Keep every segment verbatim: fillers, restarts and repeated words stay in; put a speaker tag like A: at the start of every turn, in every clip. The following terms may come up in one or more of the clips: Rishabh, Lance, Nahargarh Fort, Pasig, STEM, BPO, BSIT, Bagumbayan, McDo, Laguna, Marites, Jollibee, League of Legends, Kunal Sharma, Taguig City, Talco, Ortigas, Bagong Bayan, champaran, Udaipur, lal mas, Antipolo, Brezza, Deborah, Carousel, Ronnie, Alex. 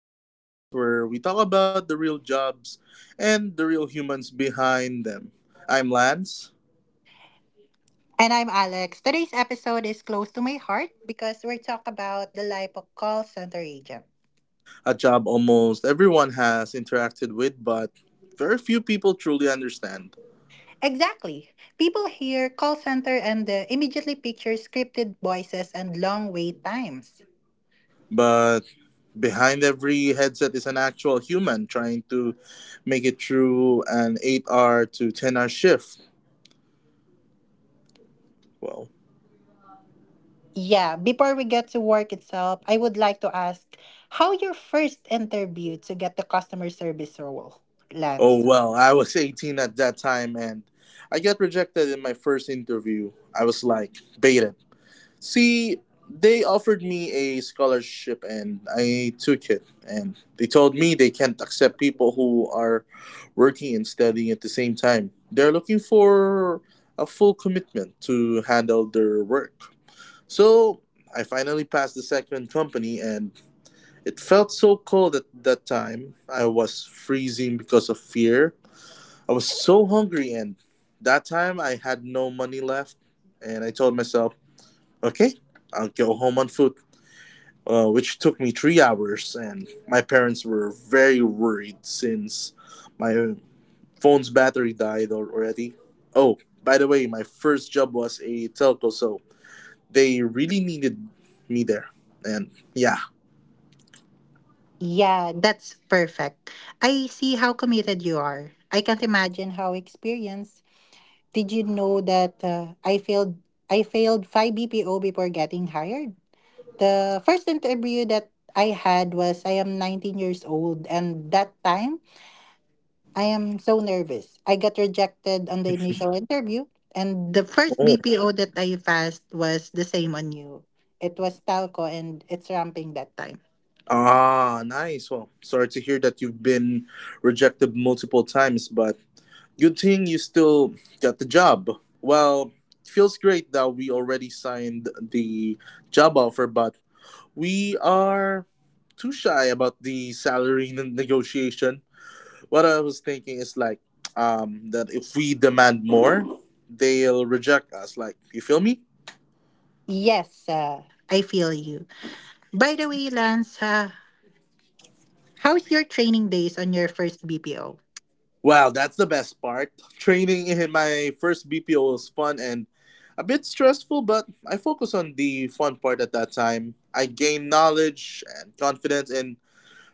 A: the podcast where we talk about the real jobs and the real humans behind them. I'm Lance,
B: And I'm Alex. Today's episode is close to my heart because we're talking about the life of call center agent.
A: a job almost everyone has interacted with, but very few people truly understand.
B: Exactly. People hear call center and they immediately picture scripted voices and long wait times.
A: But behind every headset is an actual human trying to make it through an eight hour to ten hour shift. Well,
B: Yeah, before we get to work itself, I would like to ask how your first interview to get the customer service role,
A: oh
B: Lance.
A: well, I was eighteen at that time and I got rejected in my first interview. I was like baited. See, they offered me a scholarship and I took it and they told me they can't accept people who are working and studying at the same time. They're looking for a full commitment to handle their work. So, I finally passed the second company and it felt so cold at that time. I was freezing because of fear. I was so hungry, and that time I had no money left. And I told myself, okay, I'll go home on foot, uh, which took me three hours. And my parents were very worried since my phone's battery died al- already. Oh, by the way, my first job was a telco, so they really needed me there. And yeah.
B: Yeah, that's perfect. I see how committed you are. I can't imagine how experienced. Did you know that uh, I failed I failed five B P O before getting hired? The first interview that I had was I am nineteen years old, and that time I am so nervous. I got rejected on the initial interview, and the first
A: Oh.
B: B P O that I passed was the same on you. It was Talco, and it's ramping that time.
A: Ah, nice. Well, sorry to hear that you've been rejected multiple times, but good thing you still got the job. Well, it feels great that we already signed the job offer, but we are too shy about the salary n- negotiation. What I was thinking is like, um, that if we demand more, they'll reject us. Like, you feel me?
B: Yes, uh, I feel you. By the way, Lance, uh, how's your training days on your first B P O?
A: Wow, that's the best part. Training in my first B P O was fun and a bit stressful, but I focus on the fun part at that time. I gain knowledge and confidence in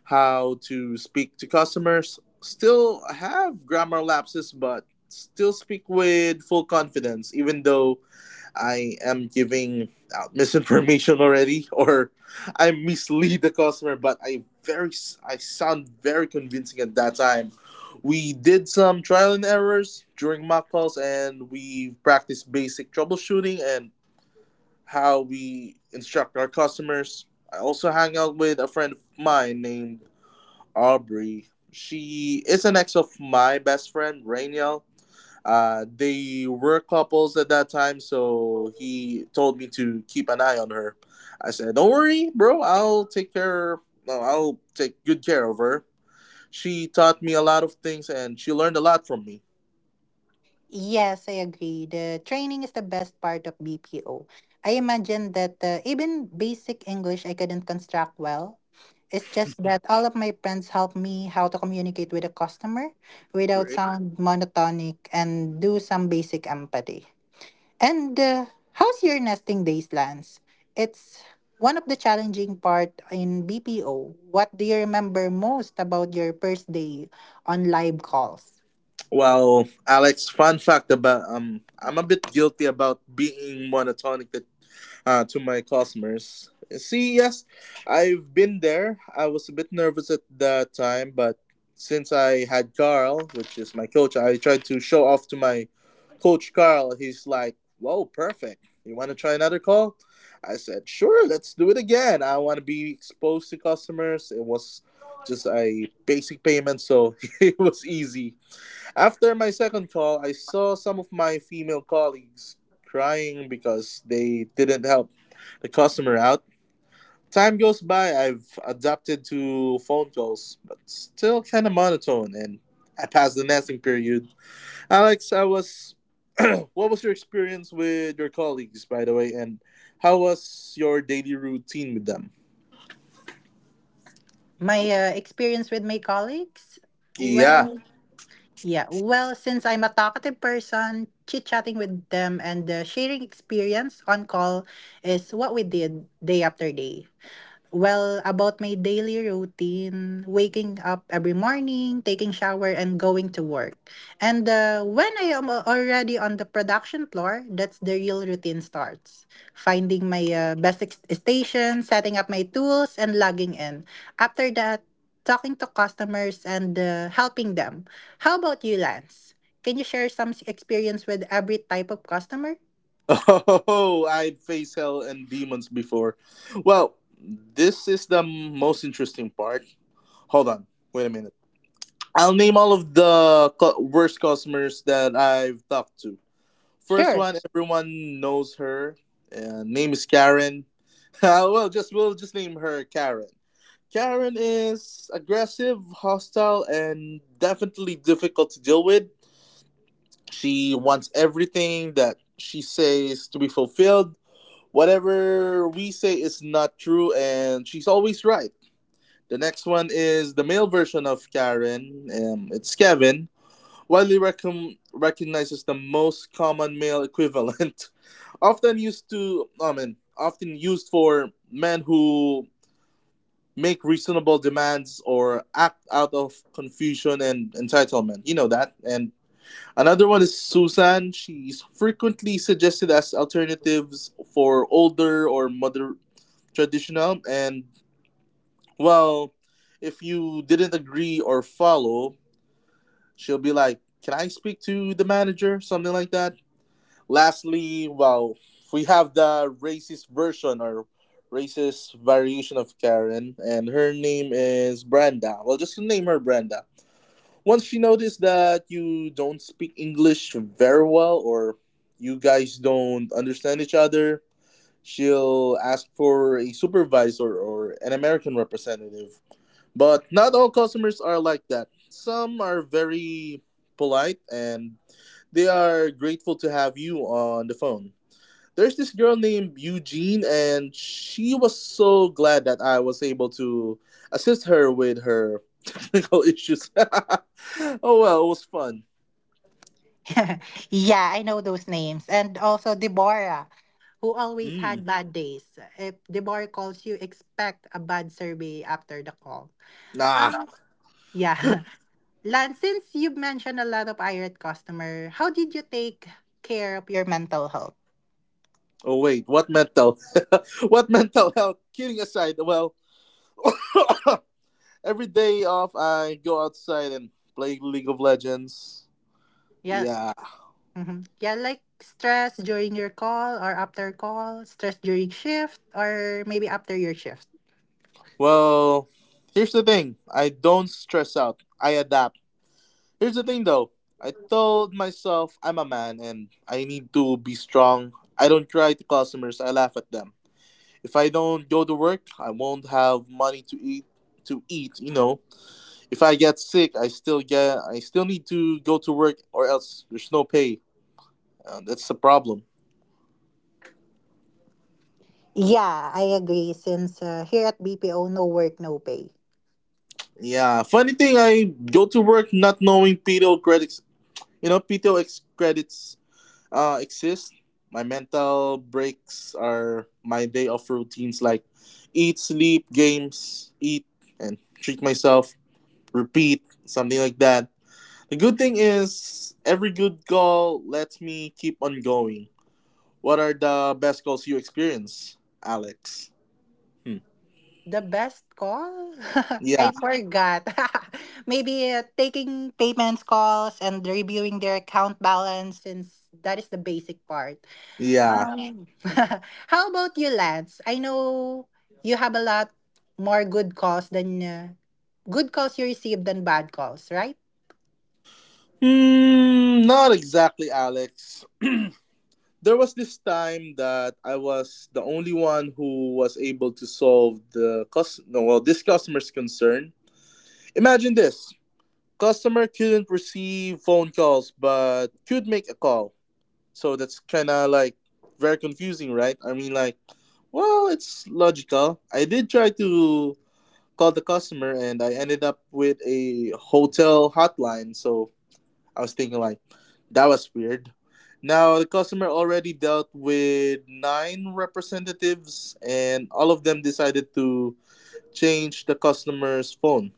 A: how to speak to customers, still have grammar lapses, but still speak with full confidence, even though I am giving out misinformation already or I mislead the customer, but I very I sound very convincing at that time. We did some trial and errors during mock calls and we practiced basic troubleshooting and how we instruct our customers. I also hang out with a friend of mine named Aubrey. She is an ex of my best friend, Rainiel. Uh, they were couples at that time, so he told me to keep an eye on her. I said, "Don't worry, bro. I'll take care, no, I'll take good care of her." She taught me a lot of things, and she learned a lot from me.
B: Yes, I agree. The training is the best part of B P O. I imagine that uh, even basic English I couldn't construct well. It's just that all of my friends helped me how to communicate with a customer without sound monotonic and do some basic empathy. And uh, how's your nesting days, Lance? It's one of the challenging part in B P O. What do you remember most about your first day on live calls?
A: Wow, Alex. Fun fact about, um, I'm a bit guilty about being monotonic that, uh, to my customers. See, yes, I've been there. I was a bit nervous at that time, but since I had Carl, which is my coach, I tried to show off to my coach Carl. He's like, "Whoa, perfect! You want to try another call?" I said, "Sure, let's do it again. I want to be exposed to customers." It was just a basic payment, so it was easy. After my second call, I saw some of my female colleagues crying because they didn't help the customer out. Time goes by, I've adapted to phone calls, but still kind of monotone, and I passed the nesting period. Alex, I was. What was your experience with your colleagues, by the way, and how was your daily routine with them?
B: My uh, experience with my colleagues?
A: Yeah.
B: Well, yeah. Well, since I'm a talkative person, chit chatting with them and uh, sharing experience on call is what we did day after day. Well, about my daily routine, waking up every morning, taking shower, and going to work. And uh, when I am al- already on the production floor, that's the real routine starts. Finding my uh, best ex- station, setting up my tools, and logging in. After that, talking to customers and uh, helping them. How about you, Lance? Can you share some s- experience with every type of customer?
A: Oh, I'd faced hell and demons before. Well, this is the most interesting part. Hold on, wait a minute. I'll name all of the cu- worst customers that I've talked to. First
B: Sure.
A: one, everyone knows her. Uh, name is Karen. Uh, well, just we'll just name her Karen. Karen is aggressive, hostile, and definitely difficult to deal with. She wants everything that she says to be fulfilled. Whatever we say is not true, and she's always right. The next one is the male version of Karen. Um, it's Kevin, widely recom- recognized as the most common male equivalent, often used to, I mean, often used for men who make reasonable demands or act out of confusion and entitlement. You know that. And another one is Susan. She's frequently suggested as alternatives for older or moder- traditional, and well, if you didn't agree or follow, she'll be like, "Can I speak to the manager?" something like that. Lastly, well, we have the racist version or racist variation of Karen, and her name is Brenda. Well, just name her Brenda. Once she noticed that you don't speak English very well, or you guys don't understand each other, she'll ask for a supervisor or an American representative. But not all customers are like that. Some are very polite and they are grateful to have you on the phone. There's this girl named Eugene, and she was so glad that I was able to assist her with her technical issues. Oh well, it was fun.
B: Yeah, I know those names. And also Deborah, who always
A: Mm.
B: had bad days. If Deborah calls you, expect a bad survey after the call.
A: Nah.
B: Um, yeah. Lan, since you mentioned a lot of irate customer, how did you take care of your mental health?
A: Oh wait, what mental? What mental health? Kidding aside, well, every day off, I go outside and play League of Legends.
B: Yeah.
A: Yeah.
B: hmm Yeah, like stress during your call or after call, stress during shift or maybe after your shift.
A: Well, here's the thing, I don't stress out, I adapt. Here's the thing though, I told myself I'm a man and I need to be strong. I don't cry to customers, I laugh at them. If I don't go to work, I won't have money to eat to eat, you know. If I get sick, I still get I still need to go to work or else there's no pay. Uh, that's the problem.
B: Yeah, I agree. Since uh, here at B P O, no work, no pay.
A: Yeah, funny thing, I go to work not knowing P T O credits. You know, P T O ex- credits, uh, exist. My mental breaks are my day off routines like eat, sleep, games, eat, and treat myself, repeat, something like that. The good thing is, every good goal lets me keep on going. What are the best goals you experience, Alex? Hmm.
B: The best call?
A: Yeah,
B: I forgot. Maybe uh, taking payments calls and reviewing their account balance since that is the basic part.
A: yeah.
B: Um, how about you, Lance? I know you have a lot more good calls than uh, good calls you received than bad calls, right?
A: Hmm, not exactly, Alex. There was this time that I was the only one who was able to solve the cus- no, well, this customer's concern. Imagine this. Customer couldn't receive phone calls but could make a call. So that's kind of like very confusing, right? I mean, like, well, it's logical. I did try to call the customer and I ended up with a hotel hotline. So I was thinking like that was weird. Now the customer already dealt with nine representatives and all of them decided to change the customer's phone,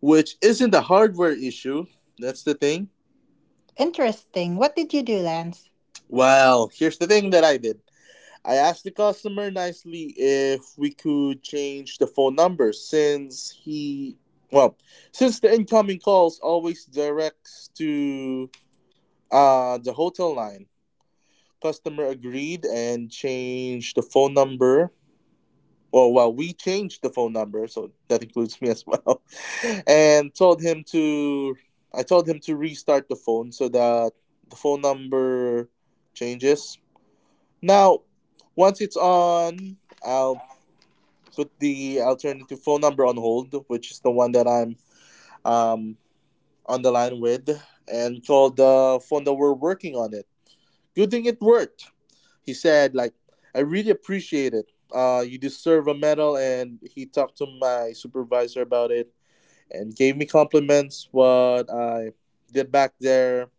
A: which isn't a hardware issue. That's the thing.
B: Interesting. What did you do, Lance?
A: Well, here's the thing that I did. I asked the customer nicely if we could change the phone number since he, well, since the incoming calls always directs to uh the hotel line. Customer agreed and changed the phone number. Well, well, we changed the phone number, so that includes me as well. And told him to, I told him to restart the phone so that the phone number changes. Now, once it's on, I'll put the alternative phone number on hold, which is the one that I'm, um, on the line with, and call the phone that we're working on it. Good thing it worked. He said, like, "I really appreciate it. Uh, you deserve a medal," and he talked to my supervisor about it and gave me compliments what I did back there.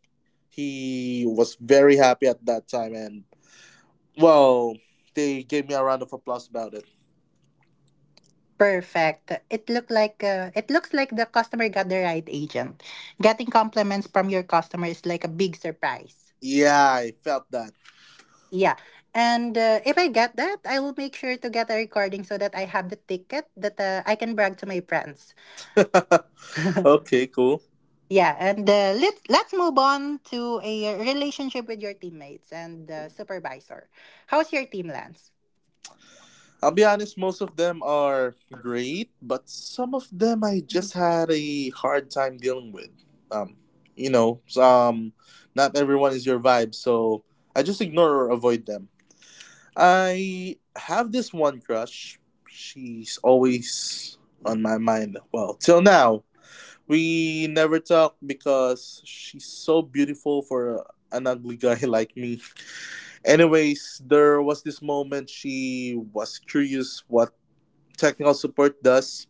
A: He was very happy at that time, and well, they gave me a round of applause about it.
B: Perfect. It looked like uh, it looks like the customer got the right agent. Getting compliments from your customer is like a big surprise.
A: Yeah, I felt that.
B: Yeah. And uh, if I get that, I will make sure to get a recording so that I have the ticket that uh, I can brag to my friends.
A: Okay, cool.
B: Yeah, and uh, let's let's move on to a relationship with your teammates and uh, supervisor. How's your team, Lance?
A: I'll be honest, most of them are great, but some of them I just had a hard time dealing with. Um, you know, um, Not everyone is your vibe, so I just ignore or avoid them. I have this one crush. She's always on my mind. Well, till now, we never talk because she's so beautiful for an ugly guy like me. Anyways, there was this moment she was curious what technical support does.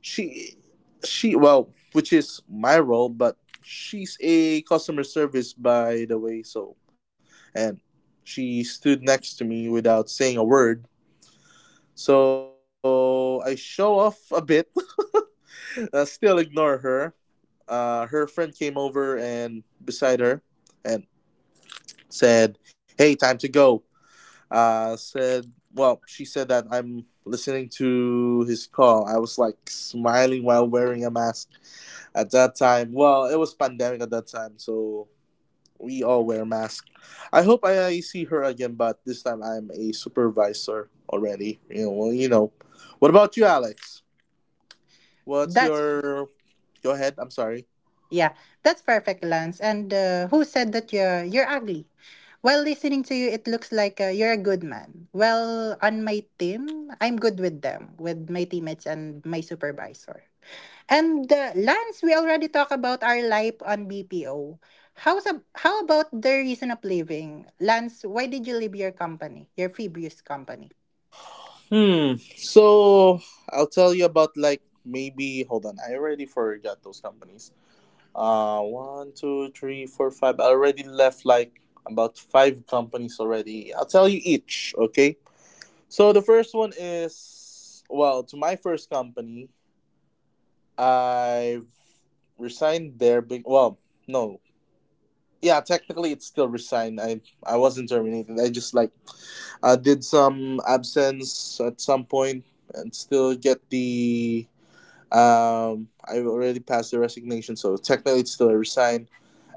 A: She, she, well, which is my role, but she's a customer service, by the way, so. And she stood next to me without saying a word. So I show off a bit, uh, still ignore her. Uh, her friend came over and beside her and said, "Hey, time to go." Uh, said, Well, she said that I'm listening to his call. I was like smiling while wearing a mask at that time. Well, it was pandemic at that time, so we all wear masks. I hope I, I see her again, but this time I'm a supervisor already. You know, well, you know. What about you, Alex? What's
B: That's
A: your Go ahead? I'm sorry.
B: yeah, that's perfect, Lance. And uh, who said that you're you're ugly? While listening to you, it looks like uh, you're a good man. Well, on my team, I'm good with them, with my teammates and my supervisor. And the lands, we already talked about our life on B P O. How's ab- how about the reason of leaving? Lance, why did you leave your company, your previous company?
A: Hmm. So I'll tell you about, like, maybe hold on. I already forgot those companies. Uh, one, two, three, four, five. I already left like about five companies already. I'll tell you each. Okay. So the first one is, well, to my first company, I've resigned there. Be- well, no, yeah, technically it's still resigned. I I wasn't terminated. I just like uh, did some absence at some point and still get the um. I already passed the resignation, so technically it's still a resign.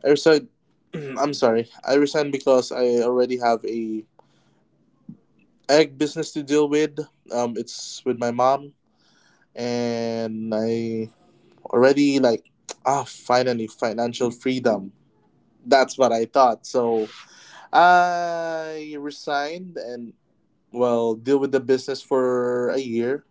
A: I resigned. I'm sorry. I resigned because I already have a egg business to deal with. Um, it's with my mom and I already like ah finally financial freedom. That's what I thought. So I resigned and well deal with the business for a year.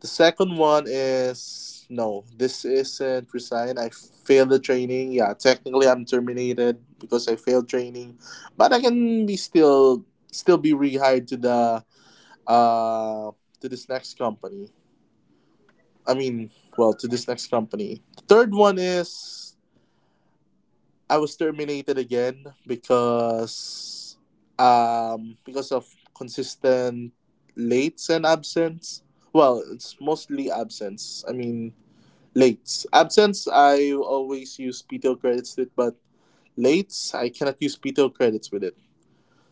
A: The second one is no, this isn't resign. I failed the training. Yeah, technically I'm terminated because I failed training, but I can be still still be rehired to the uh to this next company. I mean, well, to this next company. Third one is I was terminated again because um because of consistent lates and absence. Well, it's mostly absence. I mean, lates. Absence I always use P T O credits with, it, but lates I cannot use P T O credits with it.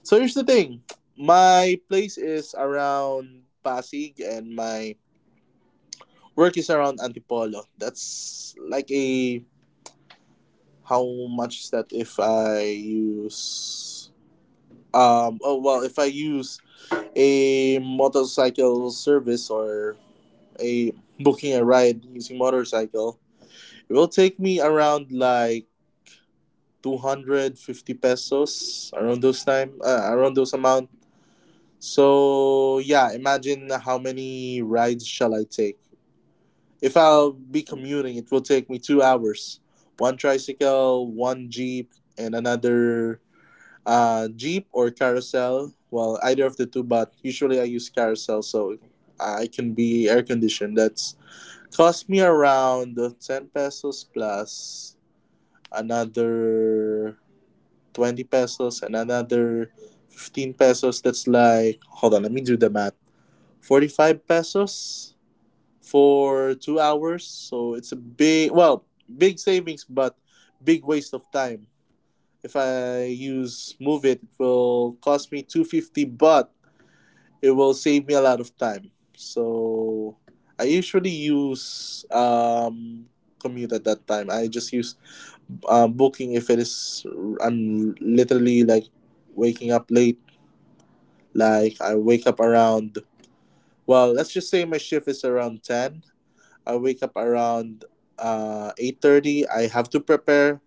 A: So here's the thing. My place is around Pasig and my work is around Antipolo. That's like a How much is that if I use um oh well if I use a motorcycle service or a booking a ride using motorcycle, it will take me around like two hundred fifty pesos around those time uh, around those amount. So yeah, imagine how many rides shall I take. If I'll be commuting, it will take me two hours. One tricycle, one jeep, and another Uh, Jeep or Carousel? Well, either of the two, but usually I use Carousel so I can be air conditioned. That's cost me around uh, ten pesos plus another twenty pesos and another fifteen pesos. That's like, hold on, let me do the math forty-five pesos for two hours. So it's a big, well, big savings, but big waste of time. If I use move it, it will cost me two hundred fifty, but it will save me a lot of time. So I usually use um, commute at that time. I just use uh, booking if it is I'm literally like waking up late. Like I wake up around well, let's just say my shift is around ten. I wake up around uh eight thirty. I have to prepare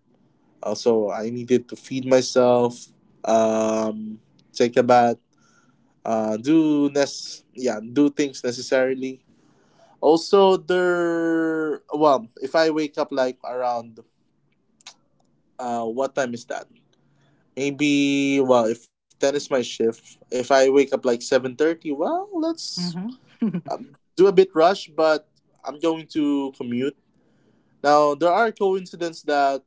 A: Also, I needed to feed myself, um, take a bath, uh, do nes- yeah, do things necessarily. Also, there. Well, if I wake up like around uh, what time is that? Maybe well, if that is my shift, if I wake up like seven thirty, well, let's
B: Mm-hmm.
A: um, do a bit rush, but I'm going to commute. Now there are coincidences that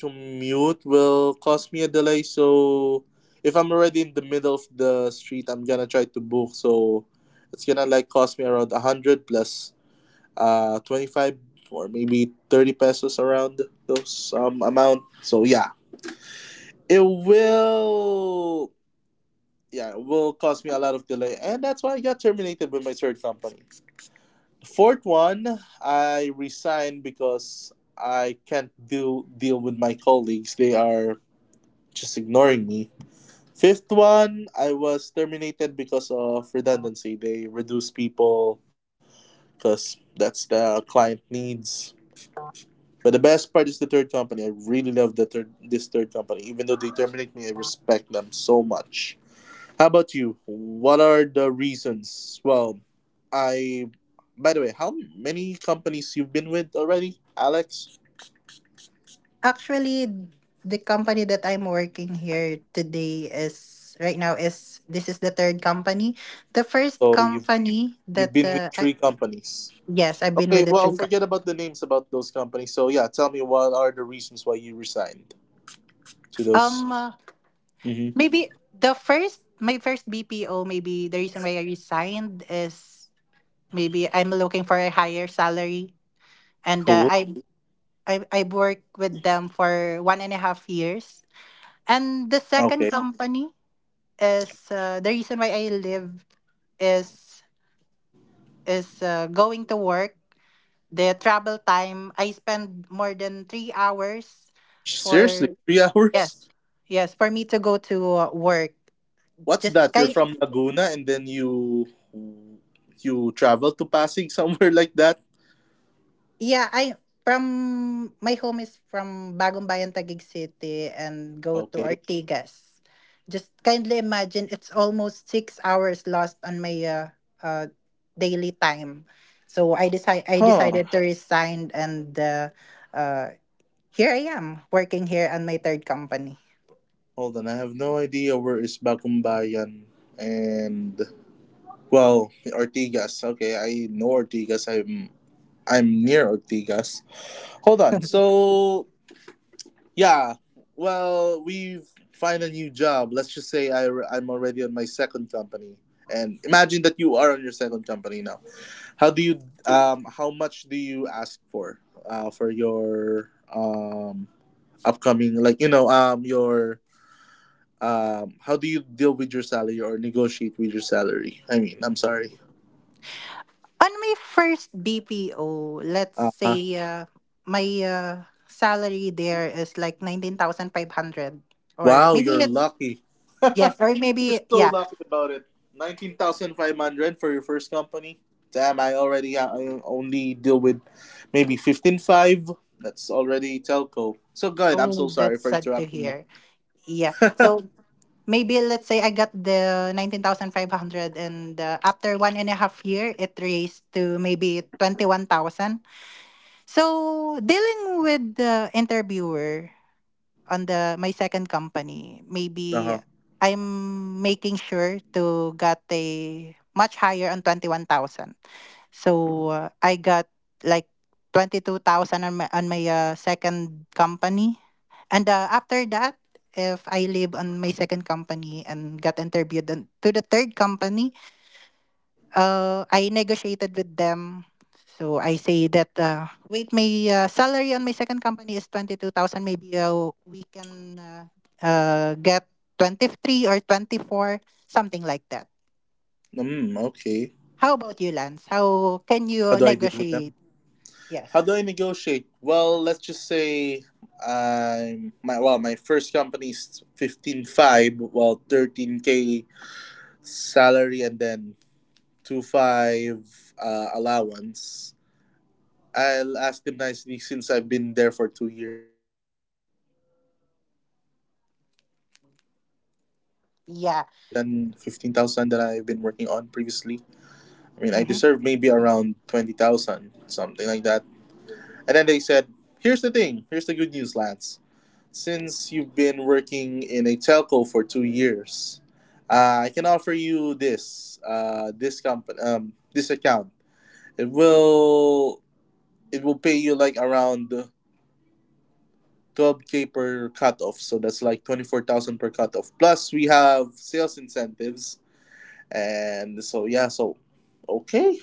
A: Commute will cause me a delay, so if I'm already in the middle of the street, I'm gonna try to book. So it's gonna like cost me around a hundred plus uh twenty five or maybe thirty pesos around those um amount. So yeah, it will yeah it will cause me a lot of delay, and that's why I got terminated with my third company. The fourth one, I resigned because I can't do deal with my colleagues. They are just ignoring me Fifth one, I was terminated because of redundancy. They reduce people because that's the client needs. But the best part is the third company. I really love the third this third company. Even though they terminate me, I respect them so much. How about you? What are the reasons? Well, I by the way, how many companies you've been with already, Alex?
B: Actually, the company that I'm working here today is right now is this is the third company. The first
A: So you've
B: company
A: you've
B: that
A: been with
B: uh, I,
A: three companies.
B: yes, I've been
A: Okay,
B: with the
A: well,
B: three co-
A: forget about the names about those companies. So yeah, tell me what are the reasons why you resigned to those?
B: um uh,
A: Mm-hmm.
B: Maybe the first my first B P O, maybe the reason why I resigned is maybe I'm looking for a higher salary, and uh,
A: Cool.
B: I I I've worked with them for one and a half years. And the
A: Okay.
B: second company is uh, the reason why I live is is uh, going to work. The travel time I spend more than three hours
A: Seriously,
B: for
A: three hours?
B: yes yes for me to go to uh, work.
A: What's
B: Just
A: that? You're
B: kind.
A: from Laguna and then you you travel to Pasig somewhere like that?
B: Yeah, I from my home is from Bagong Bayan, Taguig City, and go to
A: Okay.
B: Ortigas. Just kindly imagine it's almost six hours lost on my uh, uh, daily time. So I decide I
A: Huh.
B: decided to resign, and uh, uh, here I am working here on my third company.
A: Hold on, I have no idea where is Bagumbayan and well Ortigas. Okay, I know Ortigas. I'm I'm near Ortigas. Hold on. So Yeah. Well, we find a new job. Let's just say I, I'm already on my second company. And imagine that you are on your second company now. How do you um how much do you ask for uh for your um upcoming like you know um your um how do you deal with your salary or negotiate with your salary? I mean, I'm sorry.
B: On my first B P O, let's
A: Uh
B: say uh, my uh, salary there is like nineteen thousand five hundred, or
A: Wow,
B: maybe
A: you're
B: let's
A: lucky.
B: Yes, or
A: You're
B: maybe,
A: so
B: yeah.
A: lucky about it. nineteen thousand five hundred for your first company. Damn, I already uh, I only deal with maybe fifteen point five. That's already telco. So good. I'm so
B: Oh,
A: sorry
B: that's
A: for
B: sad to
A: interrupting you.
B: hear. Yeah. So maybe let's say I got the nineteen thousand five hundred, and uh, after one and a half year, it raised to maybe twenty one thousand. So dealing with the interviewer on the my second company, maybe
A: Uh-huh.
B: I'm making sure to get a much higher on twenty one thousand. So uh, I got like twenty two thousand on my on my uh, second company. And uh, after that, if I leave on my second company and got interviewed on, to the third company, uh, I negotiated with them. So I say that uh, wait, my uh, salary on my second company is twenty two thousand, maybe uh, we can uh, uh, get twenty three or twenty four, something like that.
A: Mm, okay.
B: How about you, Lance? How can
A: How
B: you
A: do I deal with
B: negotiate?
A: them?
B: Yes.
A: How do I negotiate? Well, let's just say I'm my well, my first company is fifteen five, well thirteen k salary, and then to five uh, allowance, I'll ask them nicely since I've been there for two years. Don't I deserve more? I mean, don't you guys think I deserve more than
B: Yeah.
A: fifteen thousand that I've been working on previously? I mean, I deserve
B: hmm
A: maybe around twenty thousand, something like that. And then they said, here's the thing, here's the good news, Lance. Since you've been working in a telco for two years, uh, I can offer you this, uh, this company, um, this account It will it will pay you like around twelve k per cutoff, so that's like twenty-four thousand per cutoff. Plus we have sales incentives, and so yeah, so okay.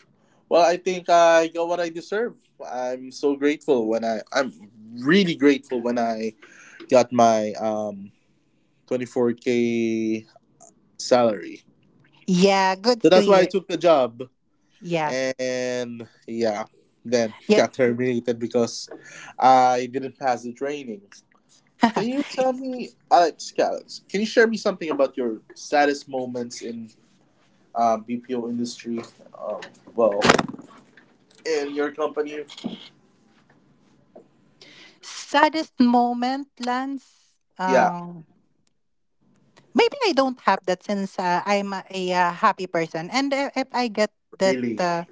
A: Well, I think I got what I deserve. I'm so grateful when I I'm really grateful when I got my um twenty-four k salary.
B: Yeah. Good
A: So
B: to
A: that's why I
B: hear.
A: took the job
B: Yeah.
A: and yeah, then
B: Yeah.
A: got terminated because I didn't pass the training. Can you tell me, Alex, yeah, Alex, can you share me something about your saddest moments in uh, B P O industry? Um, well, in your company?
B: Saddest moment, Lance.
A: Yeah,
B: Um, maybe I don't have that since uh, I'm a, a, uh, happy person, and if, if I get that,
A: really.
B: uh,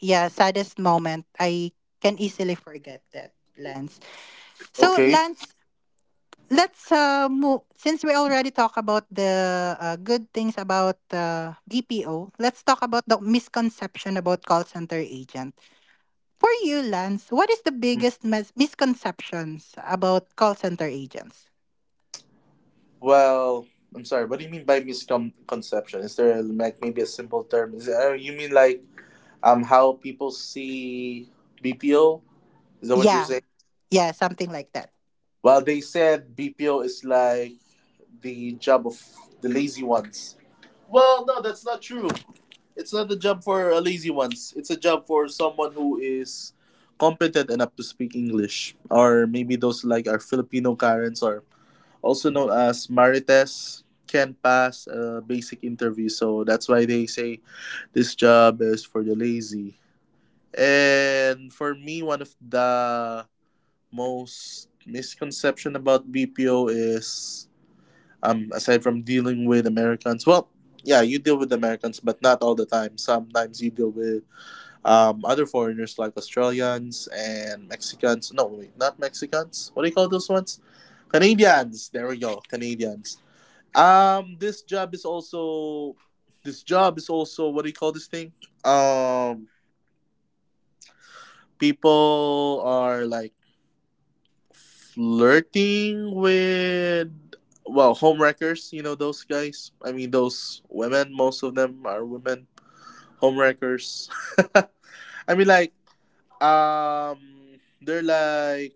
B: yeah, saddest moment, I can easily forget that, Lance. So,
A: Okay.
B: Lance, let's uh, move. Since we already talk about the uh, good things about uh, B P O, let's talk about the misconception about call center agent. For you, Lance, what is the biggest mis- misconceptions about call center agents?
A: Well, I'm sorry. What do you mean by misconception? Is there like maybe a simple term? Is uh, you mean like um how people see B P O? Is that what you're
B: Yeah,
A: saying?
B: yeah, something like that.
A: Well, they said B P O is like the job of the lazy ones. Well, no, that's not true. It's not a job for a lazy ones. It's a job for someone who is competent enough to speak English, or maybe those like our Filipino Karens, or also known as Marites, can pass a basic interview. So that's why they say this job is for the lazy. And for me, one of the most misconception about B P O is um aside from dealing with Americans, well, yeah, you deal with Americans, but not all the time. Sometimes you deal with um other foreigners like Australians and Mexicans. No, wait, not Mexicans. What do you call those ones? Canadians. There we go. Canadians. Um, this job is also this job is also what do you call this thing? Um, people are like flirting with well homewreckers you know those guys I mean those women most of them are women homewreckers I mean like um they're like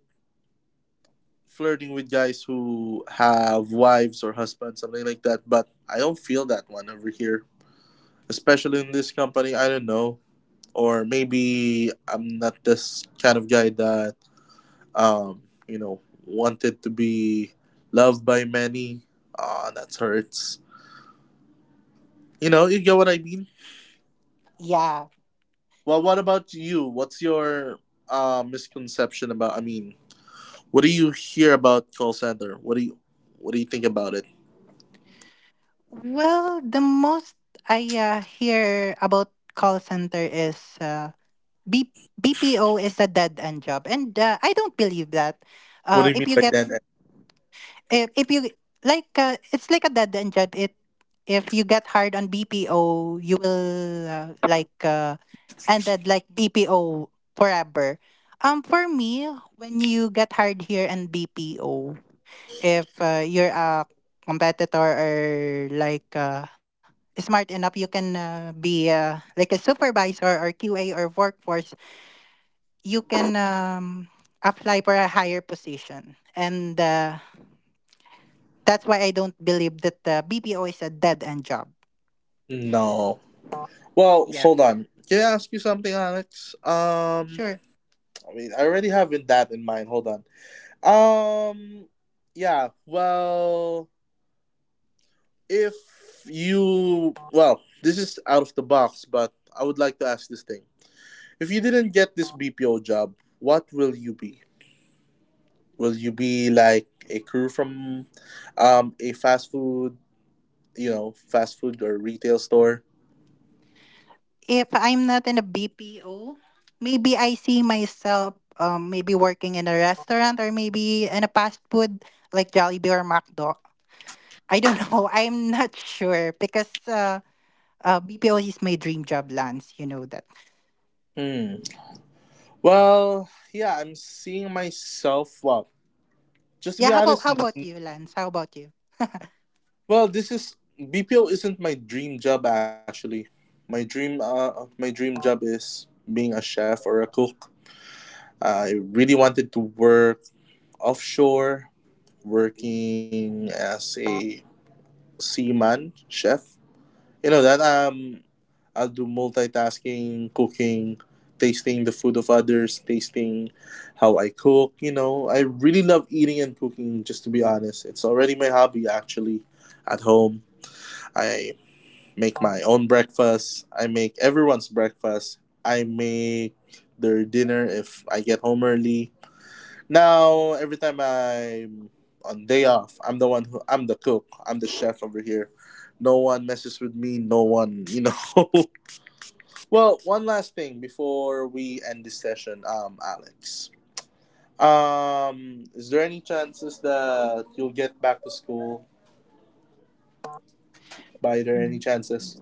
A: flirting with guys who have wives or husbands something like that but I don't feel that one over here especially in this company I don't know or maybe I'm not this kind of guy that Um, you know, wanted to be loved by many. Ah, that hurts. You know, you get what I mean.
B: Yeah.
A: Well, what about you? What's your uh, misconception about? I mean, what do you hear about call center? What do you What do you think about it?
B: Well, the most I uh, hear about call center is uh, B- BPO is a dead end job, and uh, I don't believe that.
A: What do
B: Uh,
A: you
B: if
A: mean
B: you
A: by
B: get
A: dead
B: if if you like uh, it's like a dead end job it if you get hired on B P O, you will uh, like uh, ended like B P O forever. Um for me, when you get hired here in B P O, if uh, you're a competitor or like uh, smart enough, you can uh, be uh, like a supervisor or Q A or workforce. You can um, apply for a higher position, and uh, that's why I don't believe that the B P O is a dead end job.
A: end? No. Well,
B: Yeah.
A: hold on. Can I ask you something, Alex? Um,
B: Sure.
A: I mean, I already have in that in mind. Hold on. Um, yeah. Well, If you, well, this is out of the box, but I would like to ask this thing. If you didn't get this B P O job, what will you be? Will you be like a crew from um, a fast food, you know, fast food or retail store?
B: If I'm not in a B P O, maybe I see myself um, maybe working in a restaurant or maybe in a fast food like Jollibee or McDo. I don't know. I'm not sure because uh, uh, B P O is my dream job, Lance. You know that.
A: Hmm. Well, yeah, I'm seeing myself. Well, just to
B: Yeah.
A: be
B: How about
A: honest,
B: how about
A: n-
B: you, Lance? How about you?
A: well, this is B P O isn't my dream job actually. My dream, uh, my dream job is being a chef or a cook. I really wanted to work offshore, working as a seaman chef. You know that um, I'll do multitasking, cooking, tasting the food of others, tasting how I cook. You know, I really love eating and cooking. Just to be honest, it's already my hobby actually. At home, I make my own breakfast. I make everyone's breakfast. I make their dinner if I get home early. Now every time I'm on day off, I'm the one who I'm the cook. I'm the chef over here. No one messes with me. No one, you know. well, one last thing before we end this session, um, Alex. Um, is there any chances that you'll get back to school? By there any chances?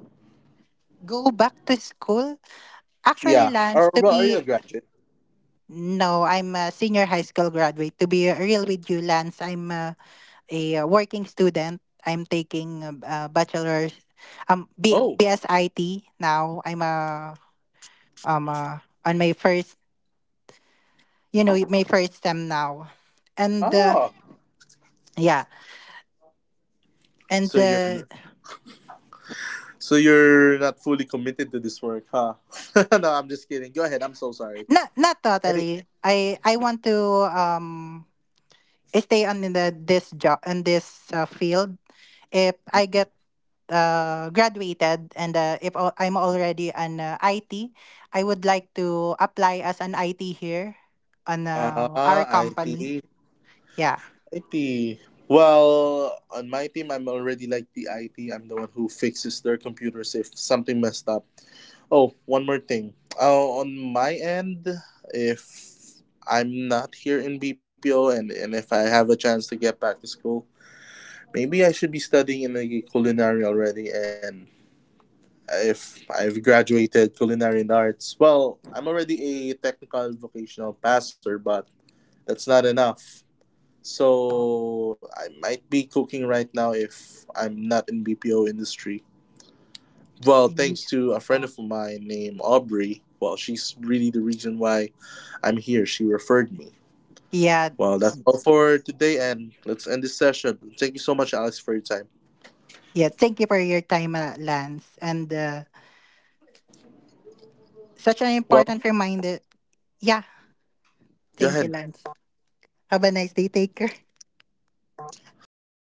B: Go back to school. Actually,
A: Yeah.
B: Lance,
A: Or
B: to
A: well, are you a
B: be
A: graduate?
B: no, I'm a senior high school graduate. To be real with you, Lance, I'm a a uh, working student. I'm taking a a bachelor's, um, B-
A: Oh.
B: BSIT now. I'm a um uh, on my first, you know, my first STEM now. and uh,
A: Ah.
B: yeah, and
A: So you're
B: uh,
A: so you're not fully committed to this work, huh? no, I'm just kidding. Go ahead. I'm so sorry.
B: not not
A: Any
B: totally. I I want to um stay on in the this job in this uh, field. If I get uh, graduated and uh, if al- I'm already an uh, I T, I would like to apply as an I T here on uh, our
A: Ah, I T.
B: company. Yeah.
A: I T. Well, on my team, I'm already like the I T. I'm the one who fixes their computers if something messed up. Oh, one more thing. Uh, on my end, if I'm not here in B P O and, and if I have a chance to get back to school, maybe I should be studying in a culinary already. And if I've graduated culinary and arts, well, I'm already a technical vocational passer, but that's not enough. So I might be cooking right now if I'm not in B P O industry. Well,
B: Y-
A: thanks to a friend of mine named Aubrey. Well, she's really the reason why I'm here. She referred me.
B: Yeah.
A: Well, that's all for today, and let's end this session. Thank you so much, Alex, for your time.
B: Yeah. Thank you for your time, uh, Lance. And uh, such an
A: Well,
B: important reminder. Yeah.
A: go
B: Thank you,
A: ahead.
B: Lance. Have a nice day. Take care.
A: Well, good